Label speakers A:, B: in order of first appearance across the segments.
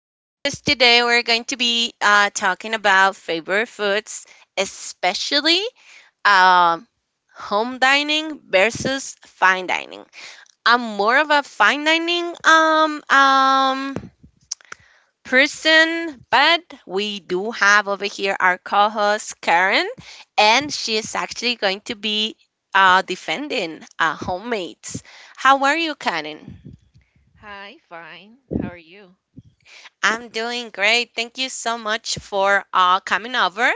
A: And of course, today we're going to be talking about favorite foods, especially um, home dining versus fine dining. I'm more of a fine dining person, but we do have over here our co host Karen, and she is actually going to be defending homemates. How are you, Karen?
B: Hi, fine. How are you?
A: I'm doing great. Thank you so much for coming over.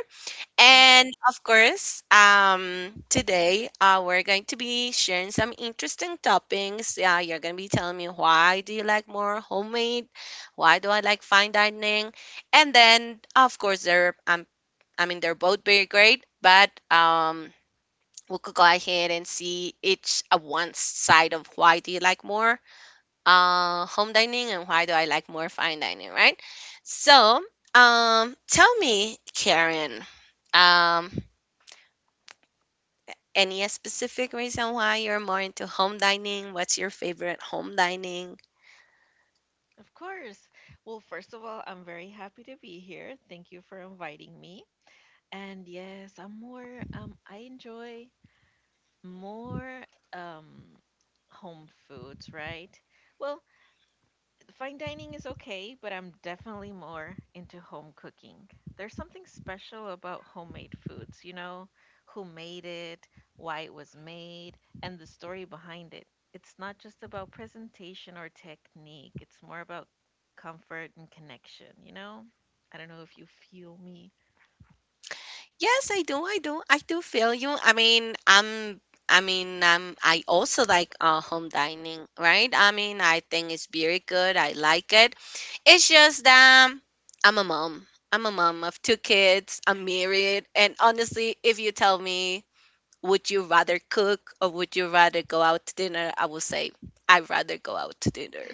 B: I'm
A: And
B: very,
A: of course, today we're going to be sharing some interesting topics. Yeah, you're going to be telling me, why do you like more homemade? Why do I like fine dining? And then, of course, there I'm I mean, they're both very great, but we could go ahead and see each one side of why do you like more home dining and why do I like more fine dining, right? So, tell me, Karen, um, any specific reason why you're more into home dining? What's your favorite home dining?
B: of course. Well, first of all, I'm very happy to be here. Thank you for inviting me. And yes, I enjoy more um home foods, right? Well, Fine dining is okay, but I'm definitely more into home cooking. There's something special about homemade foods, you know, who made it, why it was made, and the story behind it. It's not just about presentation or technique, it's more about comfort and connection, you know? I don't know if you feel me.
A: Yes, I do. I do. I do feel you. I mean, I also like home dining, right? I mean, I think it's very good. I like it. It's just that I'm a mom. I'm a mom of two kids. I'm married, and honestly, if you tell me, would you rather cook or would you rather go out to dinner? I would say I'd rather go out to dinner.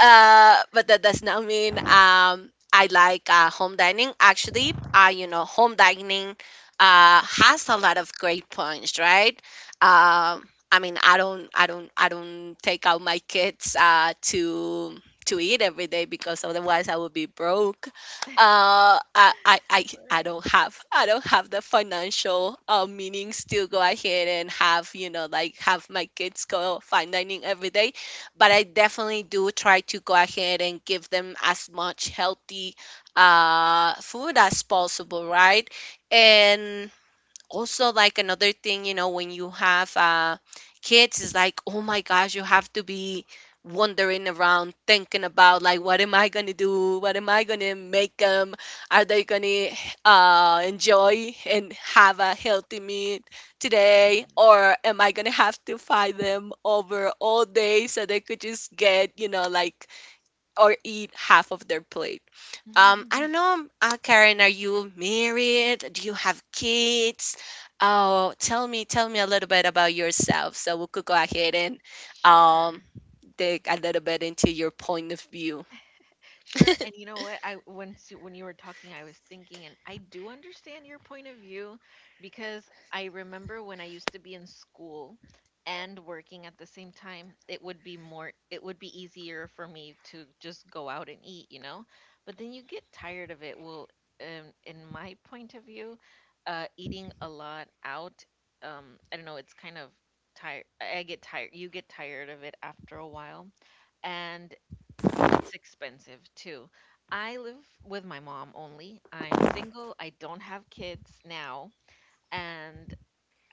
A: But that does not mean I like home dining. Actually, you know, home dining has a lot of great points, right? Um, I mean, I don't take out my kids to eat every day because otherwise I would be broke. Uh I, I i i
B: Right.
A: don't have, I don't have the financial meanings to go ahead and have, you know, like have my kids go fine dining every day. But I definitely do try to go ahead and give them as much healthy food as possible, right? And also, like another thing, you know, when you have kids is like, oh my gosh, you have to be wandering around thinking about like, what am I gonna do? What am I gonna make them? Are they gonna enjoy and have a healthy meal today, or am I gonna have to fight them over all day so they could just get, you know, like, or eat half of their plate? I
B: Mm.
A: don't know, Karen, are you married? Do you have kids? Oh, tell me a little bit about yourself, so we could go ahead and um
B: Sure.
A: dig a little bit into your point of view.
B: Sure, and you know what? I once when you were talking, I was thinking, and I do understand your point of view because I remember when I used to be in school and working at the same time, it would be easier for me to just go out and eat, you know? But then you get tired of it. In my point of view, eating a lot out, I don't know, it's kind of tired. I get tired. You get tired of it after a while and it's expensive too. I live with my mom only. I'm single. I don't have kids now. And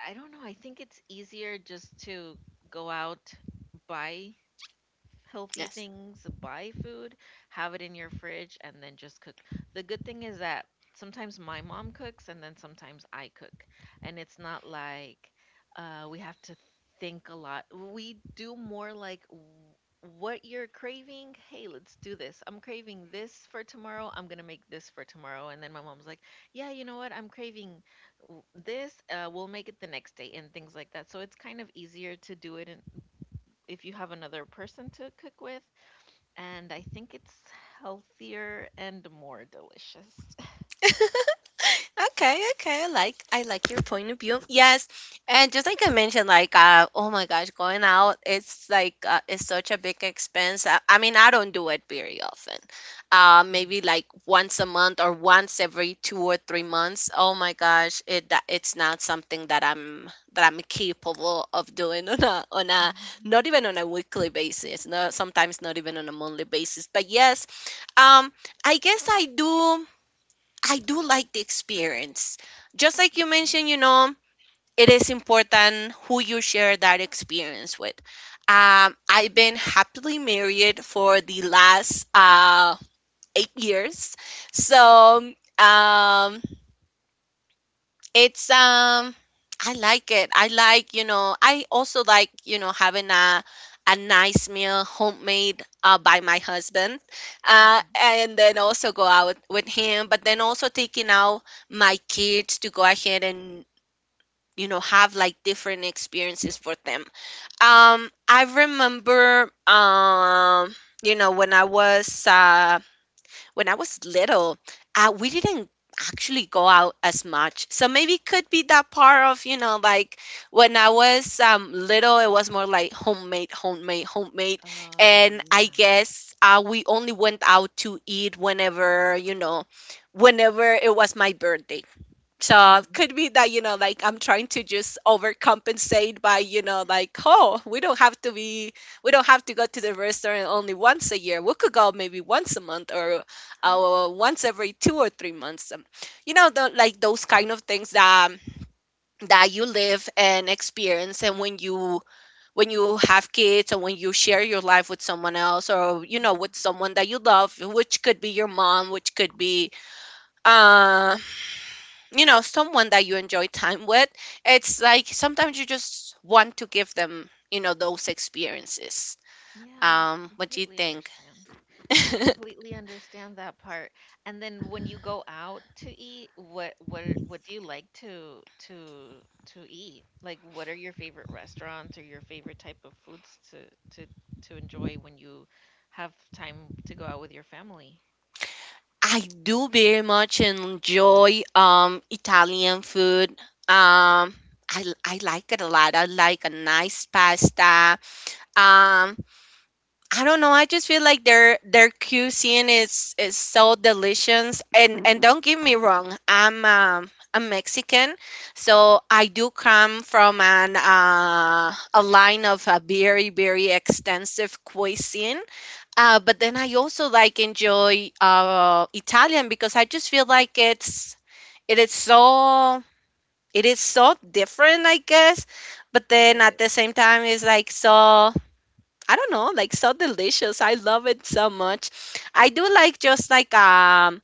B: I don't know, I think it's easier just to go out, buy healthy
A: Yes.
B: things, buy food, have it in your fridge, and then just cook. The good thing is that sometimes my mom cooks and then sometimes I cook. And it's not like we have to think a lot. We do more like what you're craving. Hey, let's do this. I'm craving this for tomorrow. I'm going to make this for tomorrow. And then my mom's like, yeah, you know what? I'm craving this. We'll make it the next day and things like that. So it's kind of easier to do it in, if you have another person to cook with. And I think it's healthier and more delicious.
A: Okay, okay, I like your point of view. Yes, and just like I mentioned, like oh my gosh, going out it's like it's such a big expense. I mean, I don't do it very often. Maybe
B: Mhm.
A: like once a month or once every 2 or 3 months. Oh my gosh, it that it's not something that I'm capable of doing on a not even on a weekly basis. No, sometimes not even on a monthly basis. But yes, um, I guess I do. I do like the experience. Just like you
B: Okay.
A: mentioned, you know, it is important who you share that experience with. I've been happily married for the last 8 years.
B: Okay.
A: So um, it's I like it. I like, you know, I also like, you know, having a nice meal homemade by my husband.
B: Hmm.
A: And then also go out with him, but then also taking out my kids to go ahead and, you know, have like different experiences for them.
B: Hmm.
A: I remember you know when I was little, we didn't actually go out as much. So maybe it could be that part of, you know, like when I was little, it was more like homemade, homemade, homemade.
B: Oh,
A: And I
B: yeah.
A: guess we only went out to eat whenever, you know, whenever it was my birthday.
B: Hmm.
A: So
B: Uh-huh.
A: could be that, you know, like I'm trying to just overcompensate by, you know, like, we don't have to go to the restaurant only once a year. We could go maybe once a month or once every 2 or 3 months. Like those kind of things that that you live and experience, and when you have kids or when you share your life with someone else, or you know,
B: Hmm.
A: with someone that you love, which could be your mom, which could be uh you know, someone that you enjoy time with. It's like sometimes you just want to give them, you know, those experiences.
B: Yeah,
A: What do you
B: completely
A: think?
B: understand. I completely understand that part. And then when you go out to eat, what do you like to eat? Like what are your favorite restaurants or your favorite type of foods to to enjoy when you have time to go out with your family?
A: I do very much enjoy italian food. um I like it a lot. I like a nice pasta. Um, I don't know. I just feel like their cuisine is so delicious. And don't get me wrong, I'm a Mexican, so I do come from an a line of a very very extensive cuisine. But then I also like enjoy Italian because I just feel like it is so it is so different, I guess. But
B: It
A: then at the
B: is.
A: same time, it's like so. I don't know, like so delicious. I love it so much. I do like just like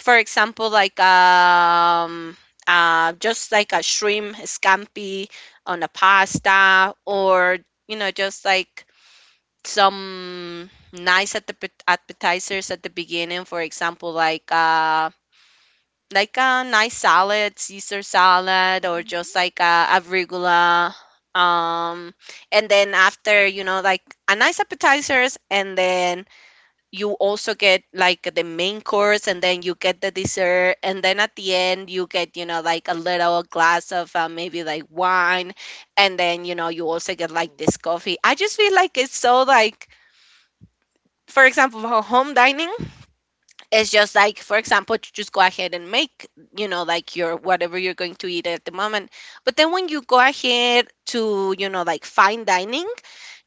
A: for example, just like a shrimp scampi on a pasta, or you
B: Okay.
A: know, just like some nice at the appetizers at the beginning, for example, like a nice salad, Caesar salad, or just
B: Mm-hmm.
A: like a regular. Um, and then after, you know, like a nice appetizers, and then you also get like the main course, and then you get the dessert, and then at the end you get, you know, like a little glass of maybe like wine, and then you know you also get like
B: Ooh.
A: this coffee. I just feel like it's so like, for example, for home dining, it's just like, for example, to just go ahead and make, you know, like your whatever you're going to eat at the moment. But then when you go ahead to, you know, like fine dining,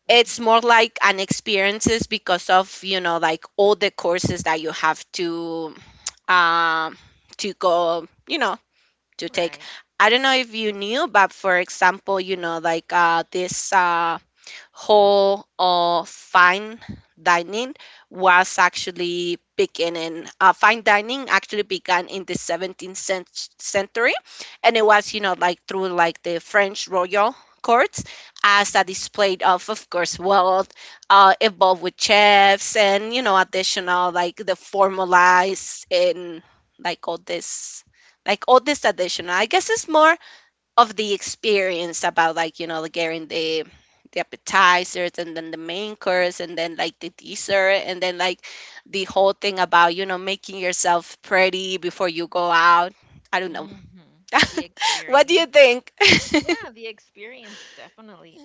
A: it's
B: Mm-hmm.
A: more like an experiences because of, you know, like all the courses that you have um to go you know, to take.
B: Right.
A: I don't know if you knew, but for example, you know, like this whole or fine dining was actually beginning. Fine dining actually began in the 17th century, and it was, you know, like through like the French royal courts as a
B: Mm-hmm.
A: display of course, wealth, involved with chefs, and you know, additional like the formalized and like all this. Like all this additional, I guess it's more of the experience about like, you know, like getting the appetizers and then the main course and then like the dessert, and then like the whole thing about you know, making yourself pretty before you go out. I don't know.
B: Mm-hmm. The
A: What do you
B: experience.
A: think?
B: Yeah, the experience definitely.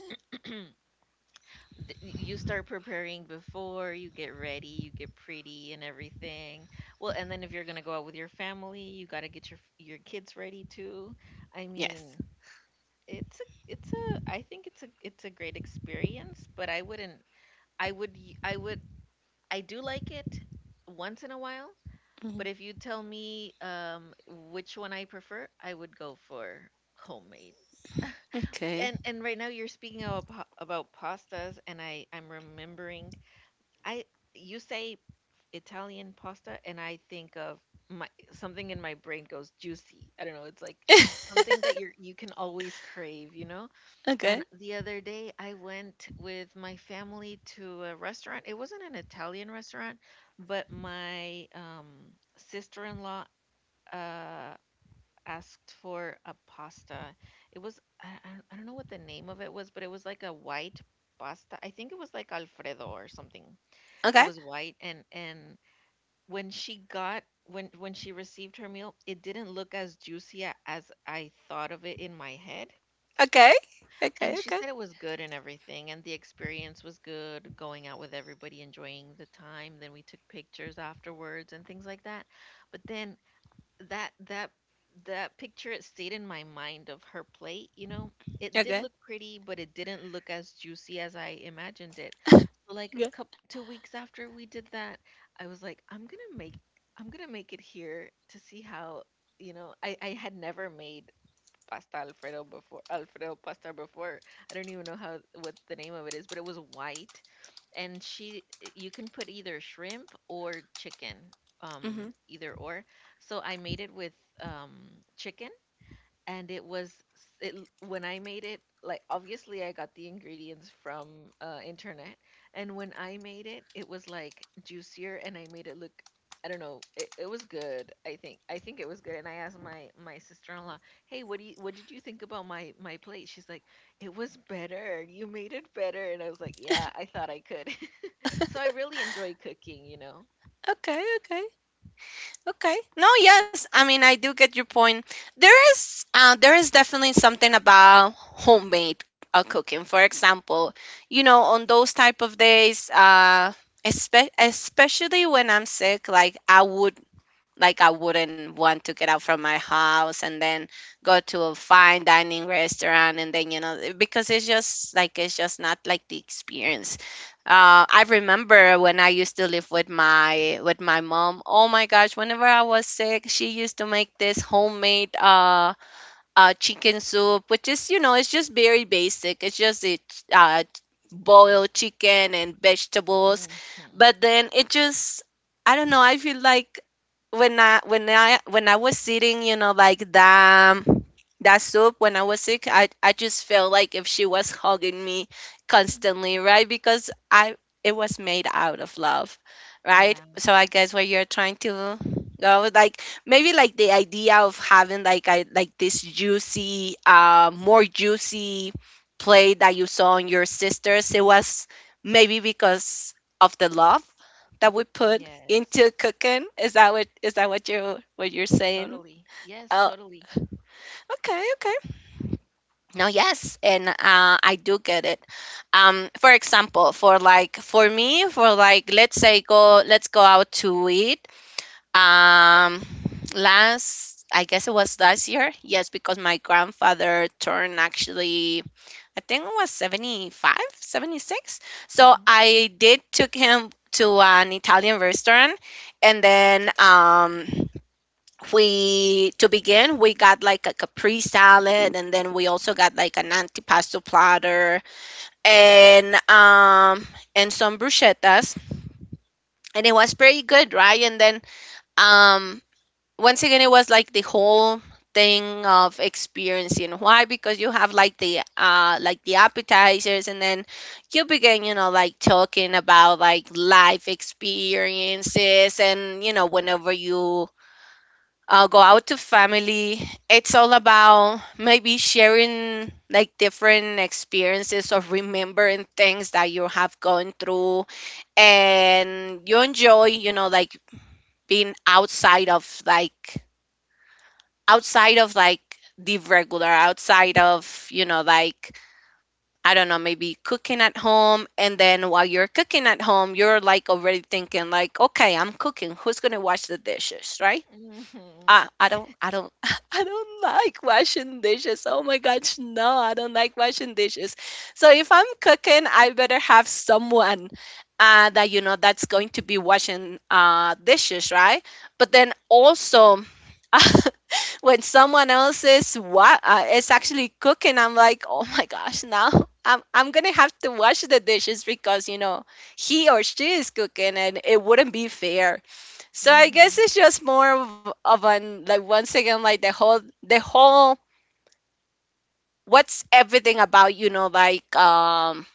B: You start preparing before you get ready, you get pretty and everything. Well, and then if you're gonna go out with your family, you gotta get your kids ready too. i mean
A: Yes.
B: it's a I think it's a great experience, but I wouldn't I would y- I would I do like it once in a while. But
A: Mhm.
B: if you tell me which one I prefer, I would go for homemade.
A: Okay.
B: And right now you're speaking about about pastas, and I'm remembering. I You say Italian pasta, and I think of my something in my brain goes juicy. I don't know. It's like something that you can always crave, you know.
A: Okay,
B: And the other day, I went with my family to a restaurant. It wasn't an Italian restaurant, but my sister-in-law uh, asked for a pasta. It was I don't know what the name of it was, but it was like a white pasta. I think it was like Alfredo or something. It
A: okay.
B: was white, and when she got when she received her meal, it didn't look as juicy as I thought of it in my head.
A: Okay, okay.
B: And she
A: Okay,
B: said it was good and everything, and the experience was good, going out with everybody, enjoying the time. Then we took pictures afterwards and things like that. But then that that picture, it stayed in my mind of her plate, you know? It did
A: okay.
B: look pretty, but it didn't look as juicy as I imagined it. So, like,
A: Okay.
B: a couple 2 weeks after we did that, I was like, "I'm gonna make it here to see how." You know, I had never made pasta Alfredo before Alfredo pasta before. I don't even know how what the name of it is, but it was white, and she you can put either shrimp or chicken,
A: Hmm.
B: either or. So I made it with um chicken, and it was s- it l- when I made it, like, obviously I got the ingredients from internet. And when I made it, it was like juicier, and I made it look, I don't know, it was good. I think it was good. And I asked my sister-in-law, hey, what did you think about my plate? She's like, it was better, you made it better. And I was like, yeah, I thought I could. So I really enjoy cooking, you know.
A: Okay, okay. Okay. No, yes. I mean, I do get your point. There is definitely something about homemade cooking. For example, you know, on those type of days, especially when I'm sick, like I wouldn't want to get out from my house and then go to a fine dining restaurant, and then you know, eh, because it's just like it's just not like the experience. I remember when I used to live with my mom. Oh my gosh, whenever I was sick, she used to make this homemade chicken soup, which is, you know, it's just very basic. Uh, boiled chicken and vegetables.
B: Hmm.
A: But then it just, I don't know, I feel like when I was sitting, you know, like that that soup when I was sick, I just felt like if she was hugging me constantly, right? Because I It was made out of love, right?
B: Yeah.
A: So I guess what you're trying to go with, like maybe like the idea of having like I like this juicy, more juicy play that you saw on your sisters. It was maybe because of the love that we put
B: yes
A: into cooking. Is that what you, what you're saying?
B: yes,
A: Oh,
B: totally.
A: okay, okay. No, yes, and I do get it. For example, for like for me, for like let's say go let's go out to eat. Um, Last, I guess it was last year. Yes, because my grandfather turned actually, I think it was 75, 76. So
B: Hmm.
A: I did took him to an Italian restaurant and then we to begin we got like a capri salad and then we also got like an antipasto platter and um and some bruschettas, and it was pretty good, right? And then um once again, it was like the whole thing of experiencing why, because you have like the appetizers, and then you begin, you know, like talking about like life experiences. And you know, whenever you go out to family, it's all about maybe sharing like different experiences of remembering things that you have gone through. And you enjoy, you know, like being outside of like outside of like the regular, outside of, you know, like, I don't know, maybe cooking at home. And then while you're cooking at home, you're like already thinking, like, okay, I'm cooking. Who's going to wash the dishes, right?
B: Mhm.
A: I don't I don't like washing dishes. Oh my gosh, no, I don't like washing dishes. So if I'm cooking, I better have someone that you know that's going to be washing dishes, right? But then also. When someone else is what is actually cooking, I'm like, oh my gosh, now I'm gonna have to wash the dishes, because you know he or she is cooking and it wouldn't be fair. So I guess
B: Mhm.
A: it's just more of an like once again like the whole what's everything about, you know, like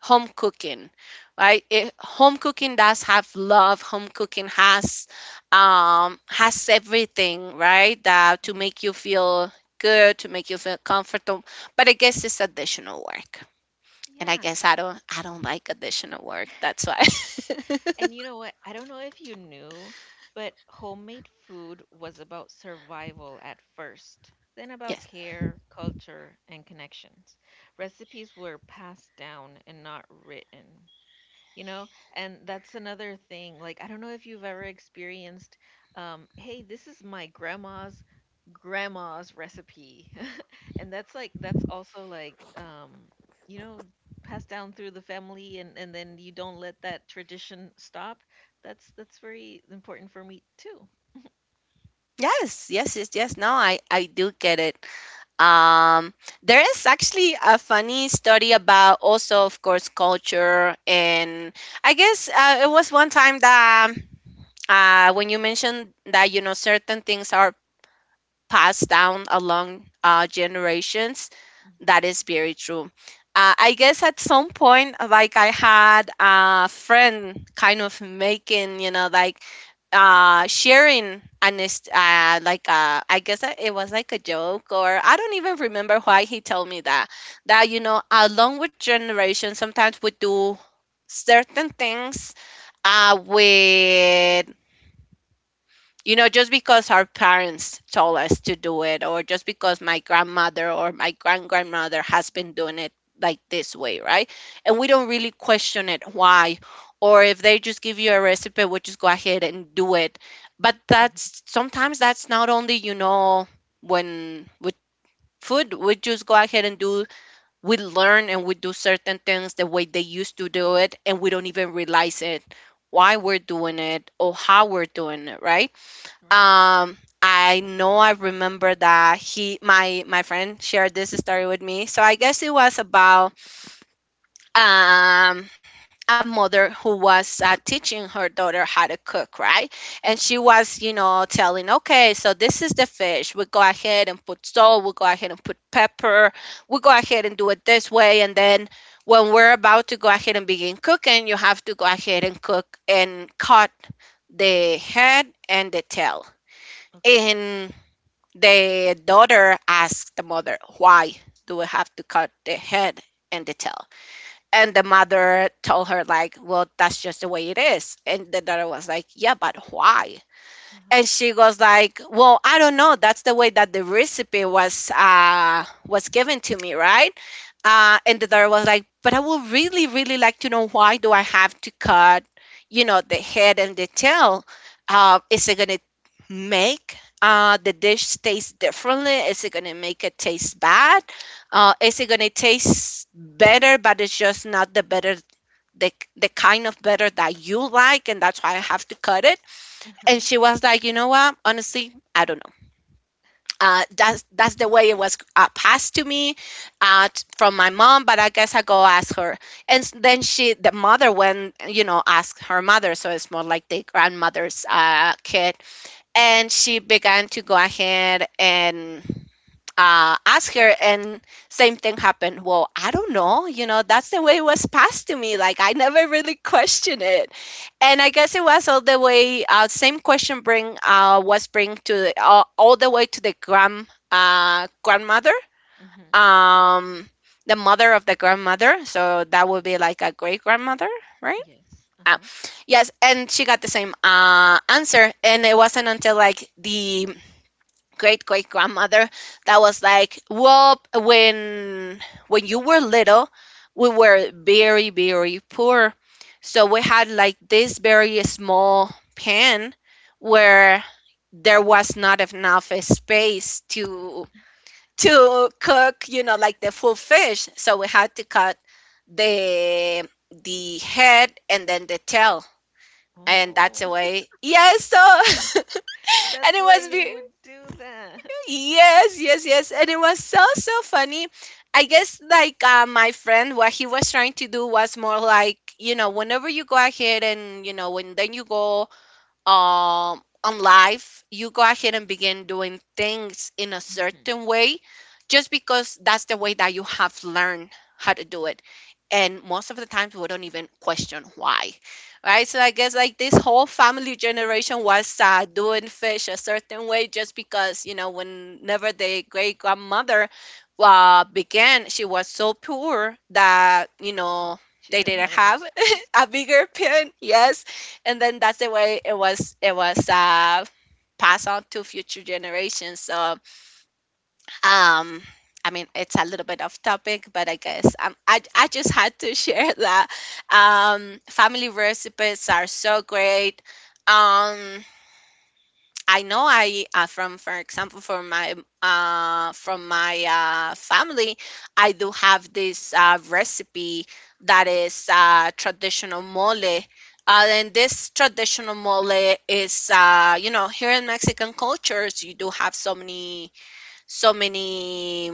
A: home cooking. Right, home cooking does have love, home cooking has everything, right, that to
B: Mm.
A: make you feel good, to make you feel comfortable, but I guess it's additional work. And I
B: Yeah,
A: guess I don't like additional work, that's why.
B: and you know what? I don't know if you knew, but homemade food was about survival at first, then about
A: yes
B: care, culture, and connections. Recipes were passed down and not written. You know, and that's another thing. Like, I don't know if you've ever experienced, hey, this is my grandma's grandma's recipe. And that's like that's also like you know, passed down through the family, and then you don't let that tradition stop. That's very important for me too.
A: yes, no, I I do get it. Um, there is actually a funny story about also, of course, culture. And I guess it was one time that when you mentioned that, you know, certain things are passed down along generations,
B: Hmm.
A: that is very true. I guess at some point, like I had a friend kind of making, you know, like I guess that it was like a joke, or I don't even remember why he told me that that you know, along with generation, sometimes we do certain things with you know, just because our parents told us to do it, or just because my grandmother or my grand grandmother has been doing it like this way, right? And we don't really question it why. Or if they just give you a recipe, we just go ahead and do it. But
B: Hmm. Hmm.
A: that's sometimes that's not only, you know, when with food, we just go ahead and do, we learn and we do certain things the way they used to do it, and we don't even realize it why we're doing it or how we're doing it, right?
B: Right.
A: um I know I remember that he my my friend shared this story with me, so I guess it was about um a mother who was teaching her daughter how to cook, right? And she
B: Hmm.
A: was, you know, telling, okay, so this is the fish, we go ahead and put salt, we go ahead and put pepper, we go ahead and do it this way, and then when we're about to go ahead and begin cooking, you have to go ahead and cook and cut the head and the tail.
B: Okay.
A: And the daughter asked the mother, why do we have to cut the head and the tail? And the mother told her, like, well, that's just the way it is. And the daughter was like, yeah, but why? And
B: Uh-huh.
A: she goes like, well, I don't know, that's the way that the recipe was given to me, right? And the daughter was like, but I would really really like to know, why do I have to cut, you know, the head and the tail? Is it gonna make the dish taste differently? Is it gonna make it taste bad? Is it gonna taste better, but it's just not the better, the kind of better that you like, and that's why I have to cut it? And
B: Uh-huh.
A: she was like, you know what? Honestly, I don't know. That's the way it was passed to me uh, from my mom. But I guess I go ask her. And then she, the mother, went, you know, asked her mother. So it's more like the grandmother's kid.
B: Hmm.
A: And she began to go ahead and ask her, and same thing happened. Well, I don't know, you know, that's the way it was passed to me, like I never really questioned it. And I guess it was all the way same question bring to all the way to the grandmother,
B: Hmm.
A: um the mother of the grandmother, so that would be like a great grandmother, right?
B: Yes.
A: uh,
B: Uh-huh.
A: yes, and she got the same answer. And it wasn't until like the great great grandmother, that was like, "Well, when you were little, we were very very poor, so we had like this very small pen where there was not enough space to cook, you know, like the full fish. So we had to cut the the head and then the tail." And that's the
B: Oh,
A: way, yes. So, and
B: that's
A: it
B: why
A: was
B: they
A: be-
B: would do that.
A: yes, yes, yes. And it was so, so funny. I guess like my friend, what he was trying to do was more like, you know, whenever you go ahead and, you know, when then you go on life, you go ahead and begin doing things in a
B: Hmm.
A: certain way, just because that's the way that you have learned how to do it. And most of the times, we don't even question why, right? So I guess like this whole family generation was doing fish a certain way, just because, you know, whenever the great grandmother began, she was so poor that, you know,
B: She
A: they
B: didn't
A: didn't
B: have enough
A: have
B: space.
A: a bigger pen, yes. And then that's the way it was, passed on to future generations. So um I mean, it's a little bit off topic, but I guess I just had to share that. Family recipes are so great. Um, I know I from for example, from my uh, from my family, I do have this recipe that is traditional mole. And this traditional mole is, you know, here in Mexican cultures you do have so many so many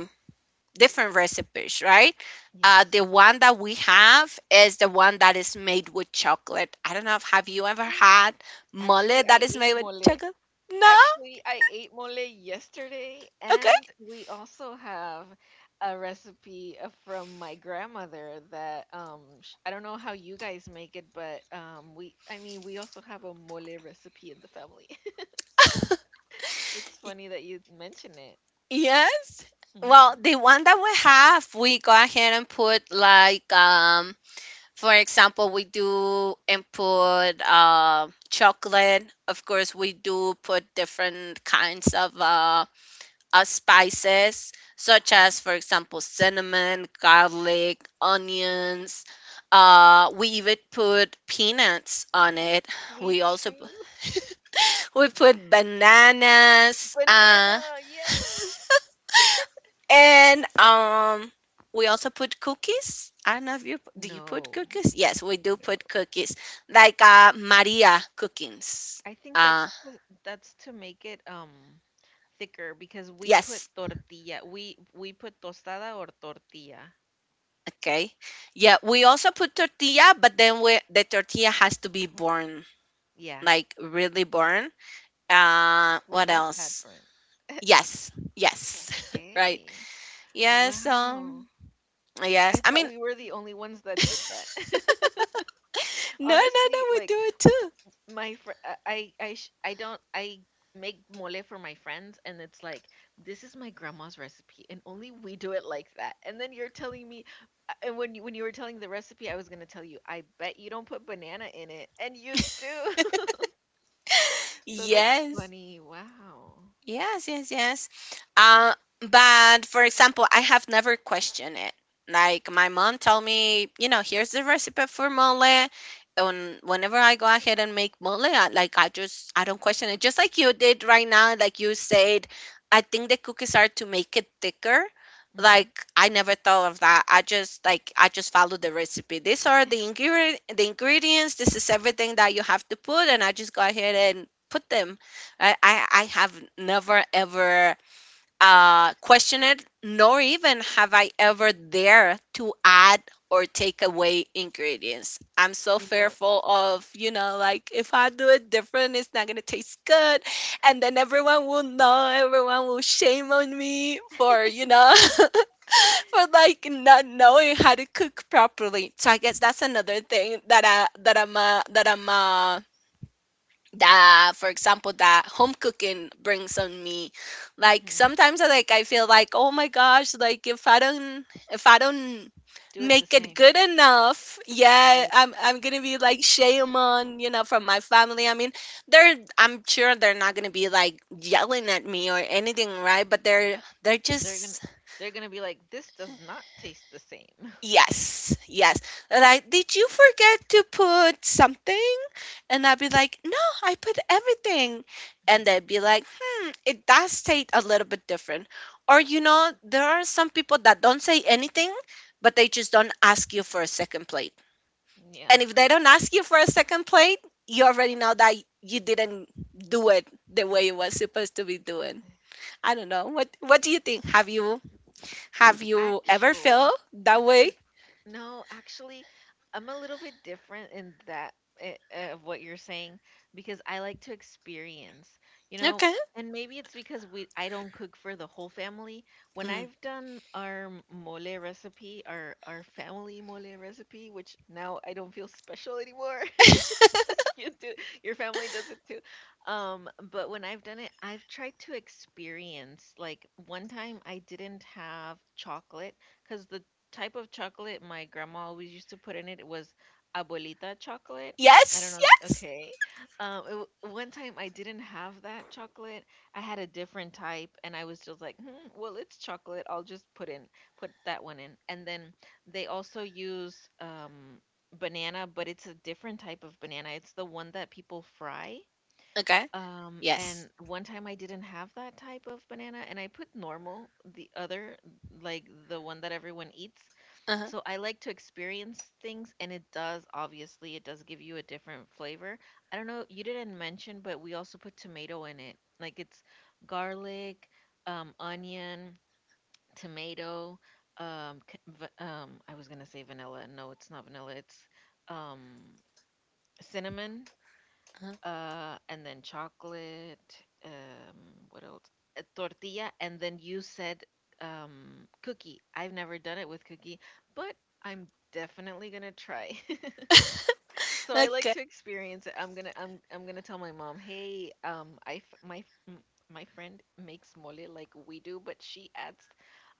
A: different recipes, right?
B: Yes.
A: The one that we have is the one that is made with chocolate. I don't know if have you ever had mole
B: Actually,
A: that
B: I
A: is
B: ate
A: made with
B: mole.
A: chocolate? No?
B: Actually, I ate mole yesterday,
A: Okay.
B: and we also have a recipe from my grandmother that sh I don't know how you guys make it, but we I mean we also have a mole recipe in the family. It's funny that you mention it.
A: Yes. Well,
B: Hmm.
A: the one that we have, we go ahead and put like for example, we do input chocolate. Of course, we do put different kinds of spices, such
B: Uh-huh.
A: as, for example, cinnamon, garlic, onions. We even put peanuts on it.
B: We
A: We also p-
B: too.
A: we put bananas.
B: Banana, yes.
A: And we also put cookies. I don't know if you do, you put
B: No,
A: cookies. Yes, we do put
B: no.
A: cookies, like Maria cookings.
B: I think
A: Uh,
B: that's to make it thicker, because we put
A: yes.
B: tortilla. We put tostada or tortilla.
A: Okay. Yeah, we also put tortilla, but then we, the tortilla has to be born,
B: Yeah.
A: like really born.
B: Well,
A: What
B: not that
A: else?
B: burnt.
A: Yes. Yes. Right.
B: Okay.
A: Yes.
B: Wow.
A: Yes.
B: I
A: I
B: thought
A: mean,
B: we were the only ones that did that.
A: no, no, no.
B: Honestly,
A: We
B: like
A: do it too.
B: my fr- I sh- I don't I make mole for my friends and it's like this is my grandma's recipe and only we do it like that. And then you're telling me. And when you, were telling the recipe, I was gonna tell you, I bet you don't put banana in it, and you do. So that's
A: Yes.
B: funny. Wow.
A: Yes, yes, yes. Uh, but for example, I have never questioned it. Like my mom told me, you know, here's the recipe for mole. And whenever I go ahead and make mole, like I just I don't question it. Just like you did right now, like you said, I think the cookies are to make it thicker.
B: Mm-hmm.
A: Like I never thought of that. I just like I just follow the recipe. These are the ingredients. This is everything that you have to put, and I just go ahead and put them. I have never ever
B: Ask,
A: questioned it, nor even have I ever dared to add or take away ingredients. I'm so
B: you know,
A: fearful of, you know, like if I do it different, it's not gonna taste good, and then everyone will know, everyone will shame on me for, you know, for like not knowing how to cook properly. So I guess that's another thing that I that I'm that I'm that for example that home cooking brings on me. Like
B: hmm.
A: sometimes like I feel like oh my gosh, like if I don't if I don't
B: Do it the
A: make it
B: same.
A: good enough, yeah,
B: Oh,
A: I'm gonna be like shame on, you know, from my family. I mean, they're I'm sure they're not gonna be like yelling at me or anything, right, but they're
B: they're gonna
A: just—
B: they're gonna be like, this does not taste the same.
A: Yes, yes. Like, did you forget to put something? And I'd be like, no, I put everything. And
B: Mhm.
A: they'd be like, hmm, it does taste a little bit different. Or, you know, there are some people that don't say anything, but they just don't ask you for a second plate.
B: Yeah.
A: And if they don't ask you for a second plate, you already know that you didn't do it the way it was supposed to be doing. I don't know. What do you think? Have you ever felt
B: Actually,
A: that way?
B: No, actually, I'm a little bit different in that of what you're saying, because I like to experience, you know,
A: Okay.
B: and maybe it's because we I don't cook for the whole family. When I've done our mole recipe, our family mole recipe, which now I don't feel special anymore, you do, your family does it too. But when I've done it, I've tried to experience, like, one time I didn't have chocolate because the type of chocolate my grandma always used to put in it was abuelita chocolate. I don't
A: Yes,
B: know.
A: yes.
B: Okay. um it, w- One time I didn't have that chocolate, I had a different type, and I was just like, hmm, well, it's chocolate, I'll just put that one in. And then they also use banana, but it's a different type of banana. It's the one that people fry.
A: Okay. Yes.
B: And one time I didn't have that type of banana, and I put normal, the other, like the one that everyone eats.
A: Uh-huh.
B: So I like to experience things, and it does, obviously, it does give you a different flavor. I don't know, you didn't mention, but we also put tomato in it. Like it's garlic, onion, tomato, I was gonna say vanilla. No, it's not vanilla. It's um cinnamon,
A: Uh-huh.
B: and then chocolate. Um, what else? A tortilla, and then you said cookie. I've never done it with cookie, but I'm definitely gonna try. So I like
A: Okay.
B: to experience it. I'm gonna tell my mom, hey, I f- my f- m- my friend makes mole like we do, but she adds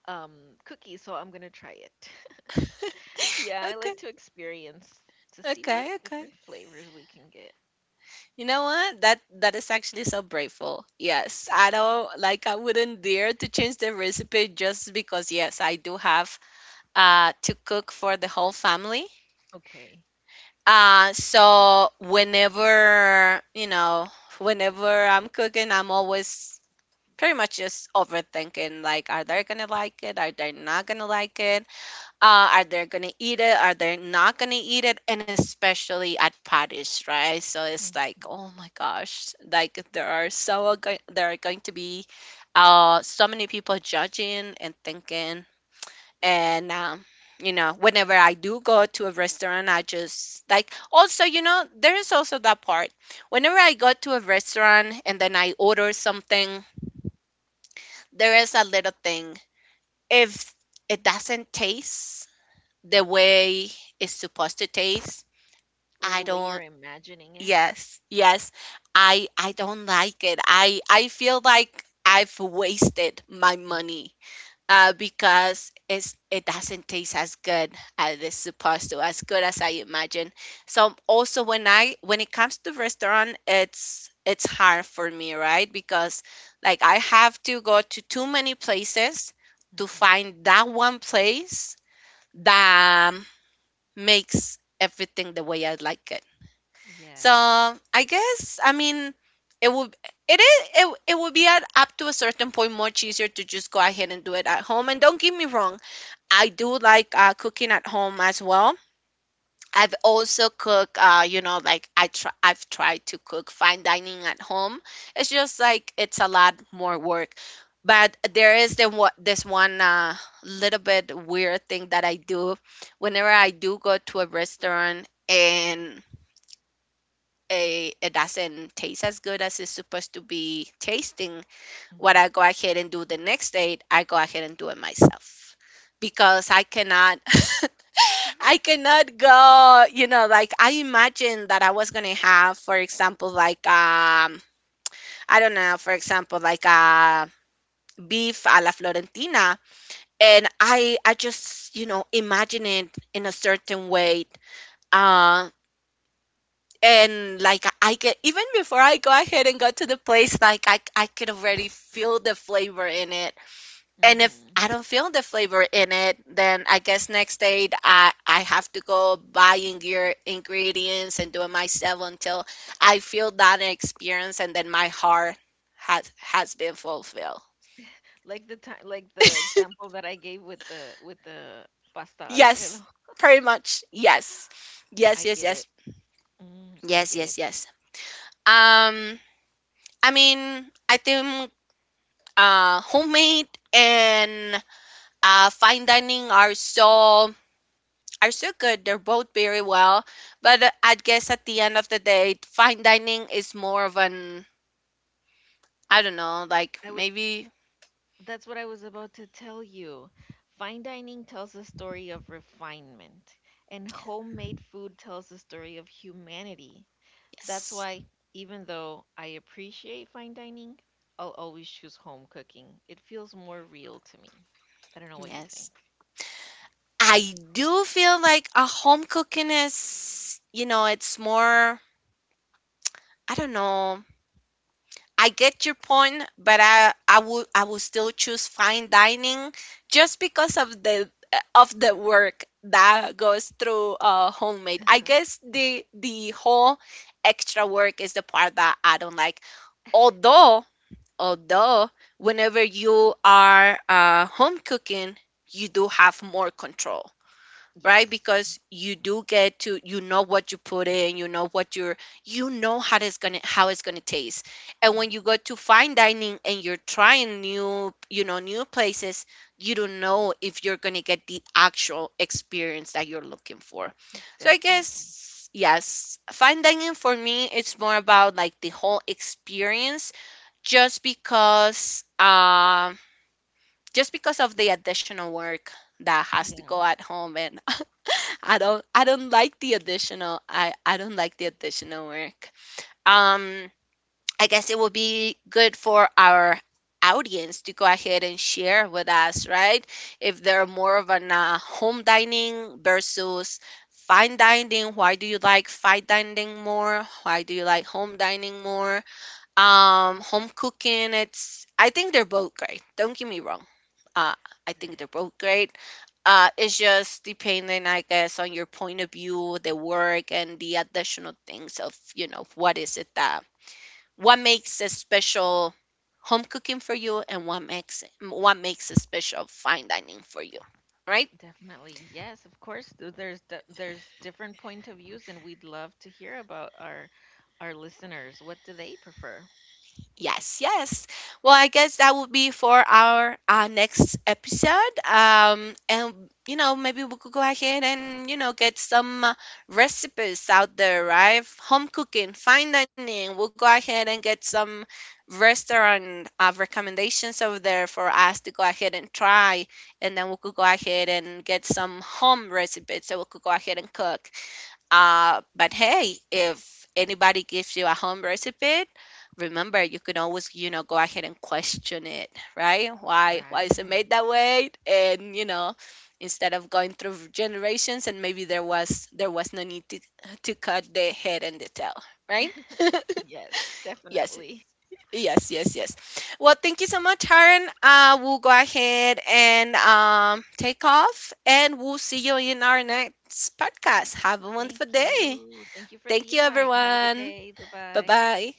B: um cookies, so I'm gonna try it. Yeah, I
A: Okay.
B: like to experience to see what
A: Okay. Okay.
B: different flavors we can get.
A: You know what? That is actually so braveful. Yes. I don't— like I wouldn't dare to change the recipe just because, yes, I do have to cook for the whole family.
B: Okay.
A: So whenever, you know, whenever I'm cooking, I'm always pretty much just overthinking, like are they gonna like it? Are they not gonna like it? Are they gonna eat it, are they not gonna eat it, and especially at parties, right? So it's like
B: Mhm.
A: oh my gosh, like there are there are going to be so many people judging and thinking. And you know, whenever I do go to a restaurant, I just like, also, you know, there is also that part. Whenever I go to a restaurant and then I order something, there is a little thing if it doesn't taste the way it's supposed to taste.
B: Or
A: I
B: the way you're
A: don't—
B: imagining it.
A: yes, yes. I don't like it. I feel like I've wasted my money
B: Mhm,
A: because it doesn't taste as good as it's supposed to, as good as I imagine. So also when I when it comes to restaurant, it's hard for me, right? Because like I have to go to too many places to
B: mhm.
A: find that one place that makes everything the way I like it. So
B: Yes.
A: I guess, I mean, it would it is it, it would be, at up to a certain point, much easier to just go ahead and do it at home. And don't get me wrong, I do like cooking at home as well. I've also cooked, you know, like I've tried to cook fine dining at home. It's just like it's a lot more work. But there is the— what, this one little bit weird thing that I do whenever I do go to a restaurant and it doesn't taste as good as it's supposed to be tasting. What I
B: Mhm,
A: go ahead and do the next day, I go ahead and do it myself because I cannot.
B: Mhm.
A: I cannot go, you know, like I imagined that I was gonna have, for example, like I don't know, for example, like beef a la Florentina. And I just, you know, imagine it in a certain way. Uh and like I get, even before I go ahead and go to the place, like I could already feel the flavor in it. And if
B: Mhm.
A: I don't feel the flavor in it, then I guess next day I have to go buying your ingredients and do it myself until I feel that experience, and then my heart has been fulfilled.
B: Like the time, like the example that I gave with the pasta Alfredo.
A: Yes, pretty much. Yes, yes,
B: I
A: yes,
B: get it.
A: yes,
B: Mm, I
A: yes,
B: get it.
A: yes, yes. Um, I mean, I think homemade and fine dining are so good. They're both very well. But I guess at the end of the day, fine dining is more of an, I don't know, like
B: I would.
A: maybe—
B: That's what I was about to tell you. Fine dining tells a story of refinement, and homemade food tells a story of humanity. That's
A: yes,
B: why, even though I appreciate fine dining, I'll always choose home cooking. It feels more real to me. I don't know what you think.
A: yes. I do feel like a home cooking is, you know, it's more, I don't know, I get your point, but I would still choose fine dining just because of the— of the work that goes through homemade. I
B: Uh-huh.
A: guess the whole extra work is the part that I don't like. Although, although, whenever you are home cooking, you do have more control, right?
B: Yes.
A: Because you do get to— you know what you put in, you know what you're— you know how it's gonna taste. And when you
B: Mhm.
A: go to fine dining and you're trying new, you know, new places, you don't know if you're gonna get the actual experience that you're looking for. So I
B: Definitely.
A: guess, yes, fine dining for me, it's more about like the whole experience, just because um just because of the additional work that has to go
B: Yeah.
A: at home. And I don't like the additional I don't like the additional work. Um, I guess it would be good for our audience to go ahead and share with us, right? If they're more of an home dining versus fine dining, why do you like fine dining more? Why do you like home dining more? Um, home cooking, it's— I think they're both great. Don't get me wrong, uh, I think they're
B: Right.
A: both great. It's just depending, I guess, on your point of view, the work, and the additional things of, you know, what is it that— what makes a special home cooking for you, and what makes a special fine dining for you, right?
B: Definitely. Yes, of course. There's there's different point of views, and we'd love to hear about our listeners. What do they prefer?
A: Yes, yes. Well, I guess that would be for our next episode. And you know, maybe we could go ahead and, you know, get some recipes out there, right? F- Home cooking, fine dining. We'll go ahead and get some restaurant recommendations over there for us to go ahead and try, and then we could go ahead and get some home recipes so we could go ahead and cook. But hey, if anybody gives you a home recipe, remember you can always, you know, go ahead and question it, right? Why is it made
B: Right.
A: that way? And, you know, instead of going through generations, and maybe there was no need to— to cut the head and the tail, right?
B: Yes,
A: Yes.
B: definitely.
A: Yes, yes, yes. Well, thank you so much, Haran. We'll go ahead and take off, and we'll see you in our next podcast. Have a
B: Thank
A: wonderful day.
B: you. Thank you for the
A: Thank you,
B: invite. Have a good
A: everyone.
B: day. Bye
A: Bye
B: bye.
A: bye.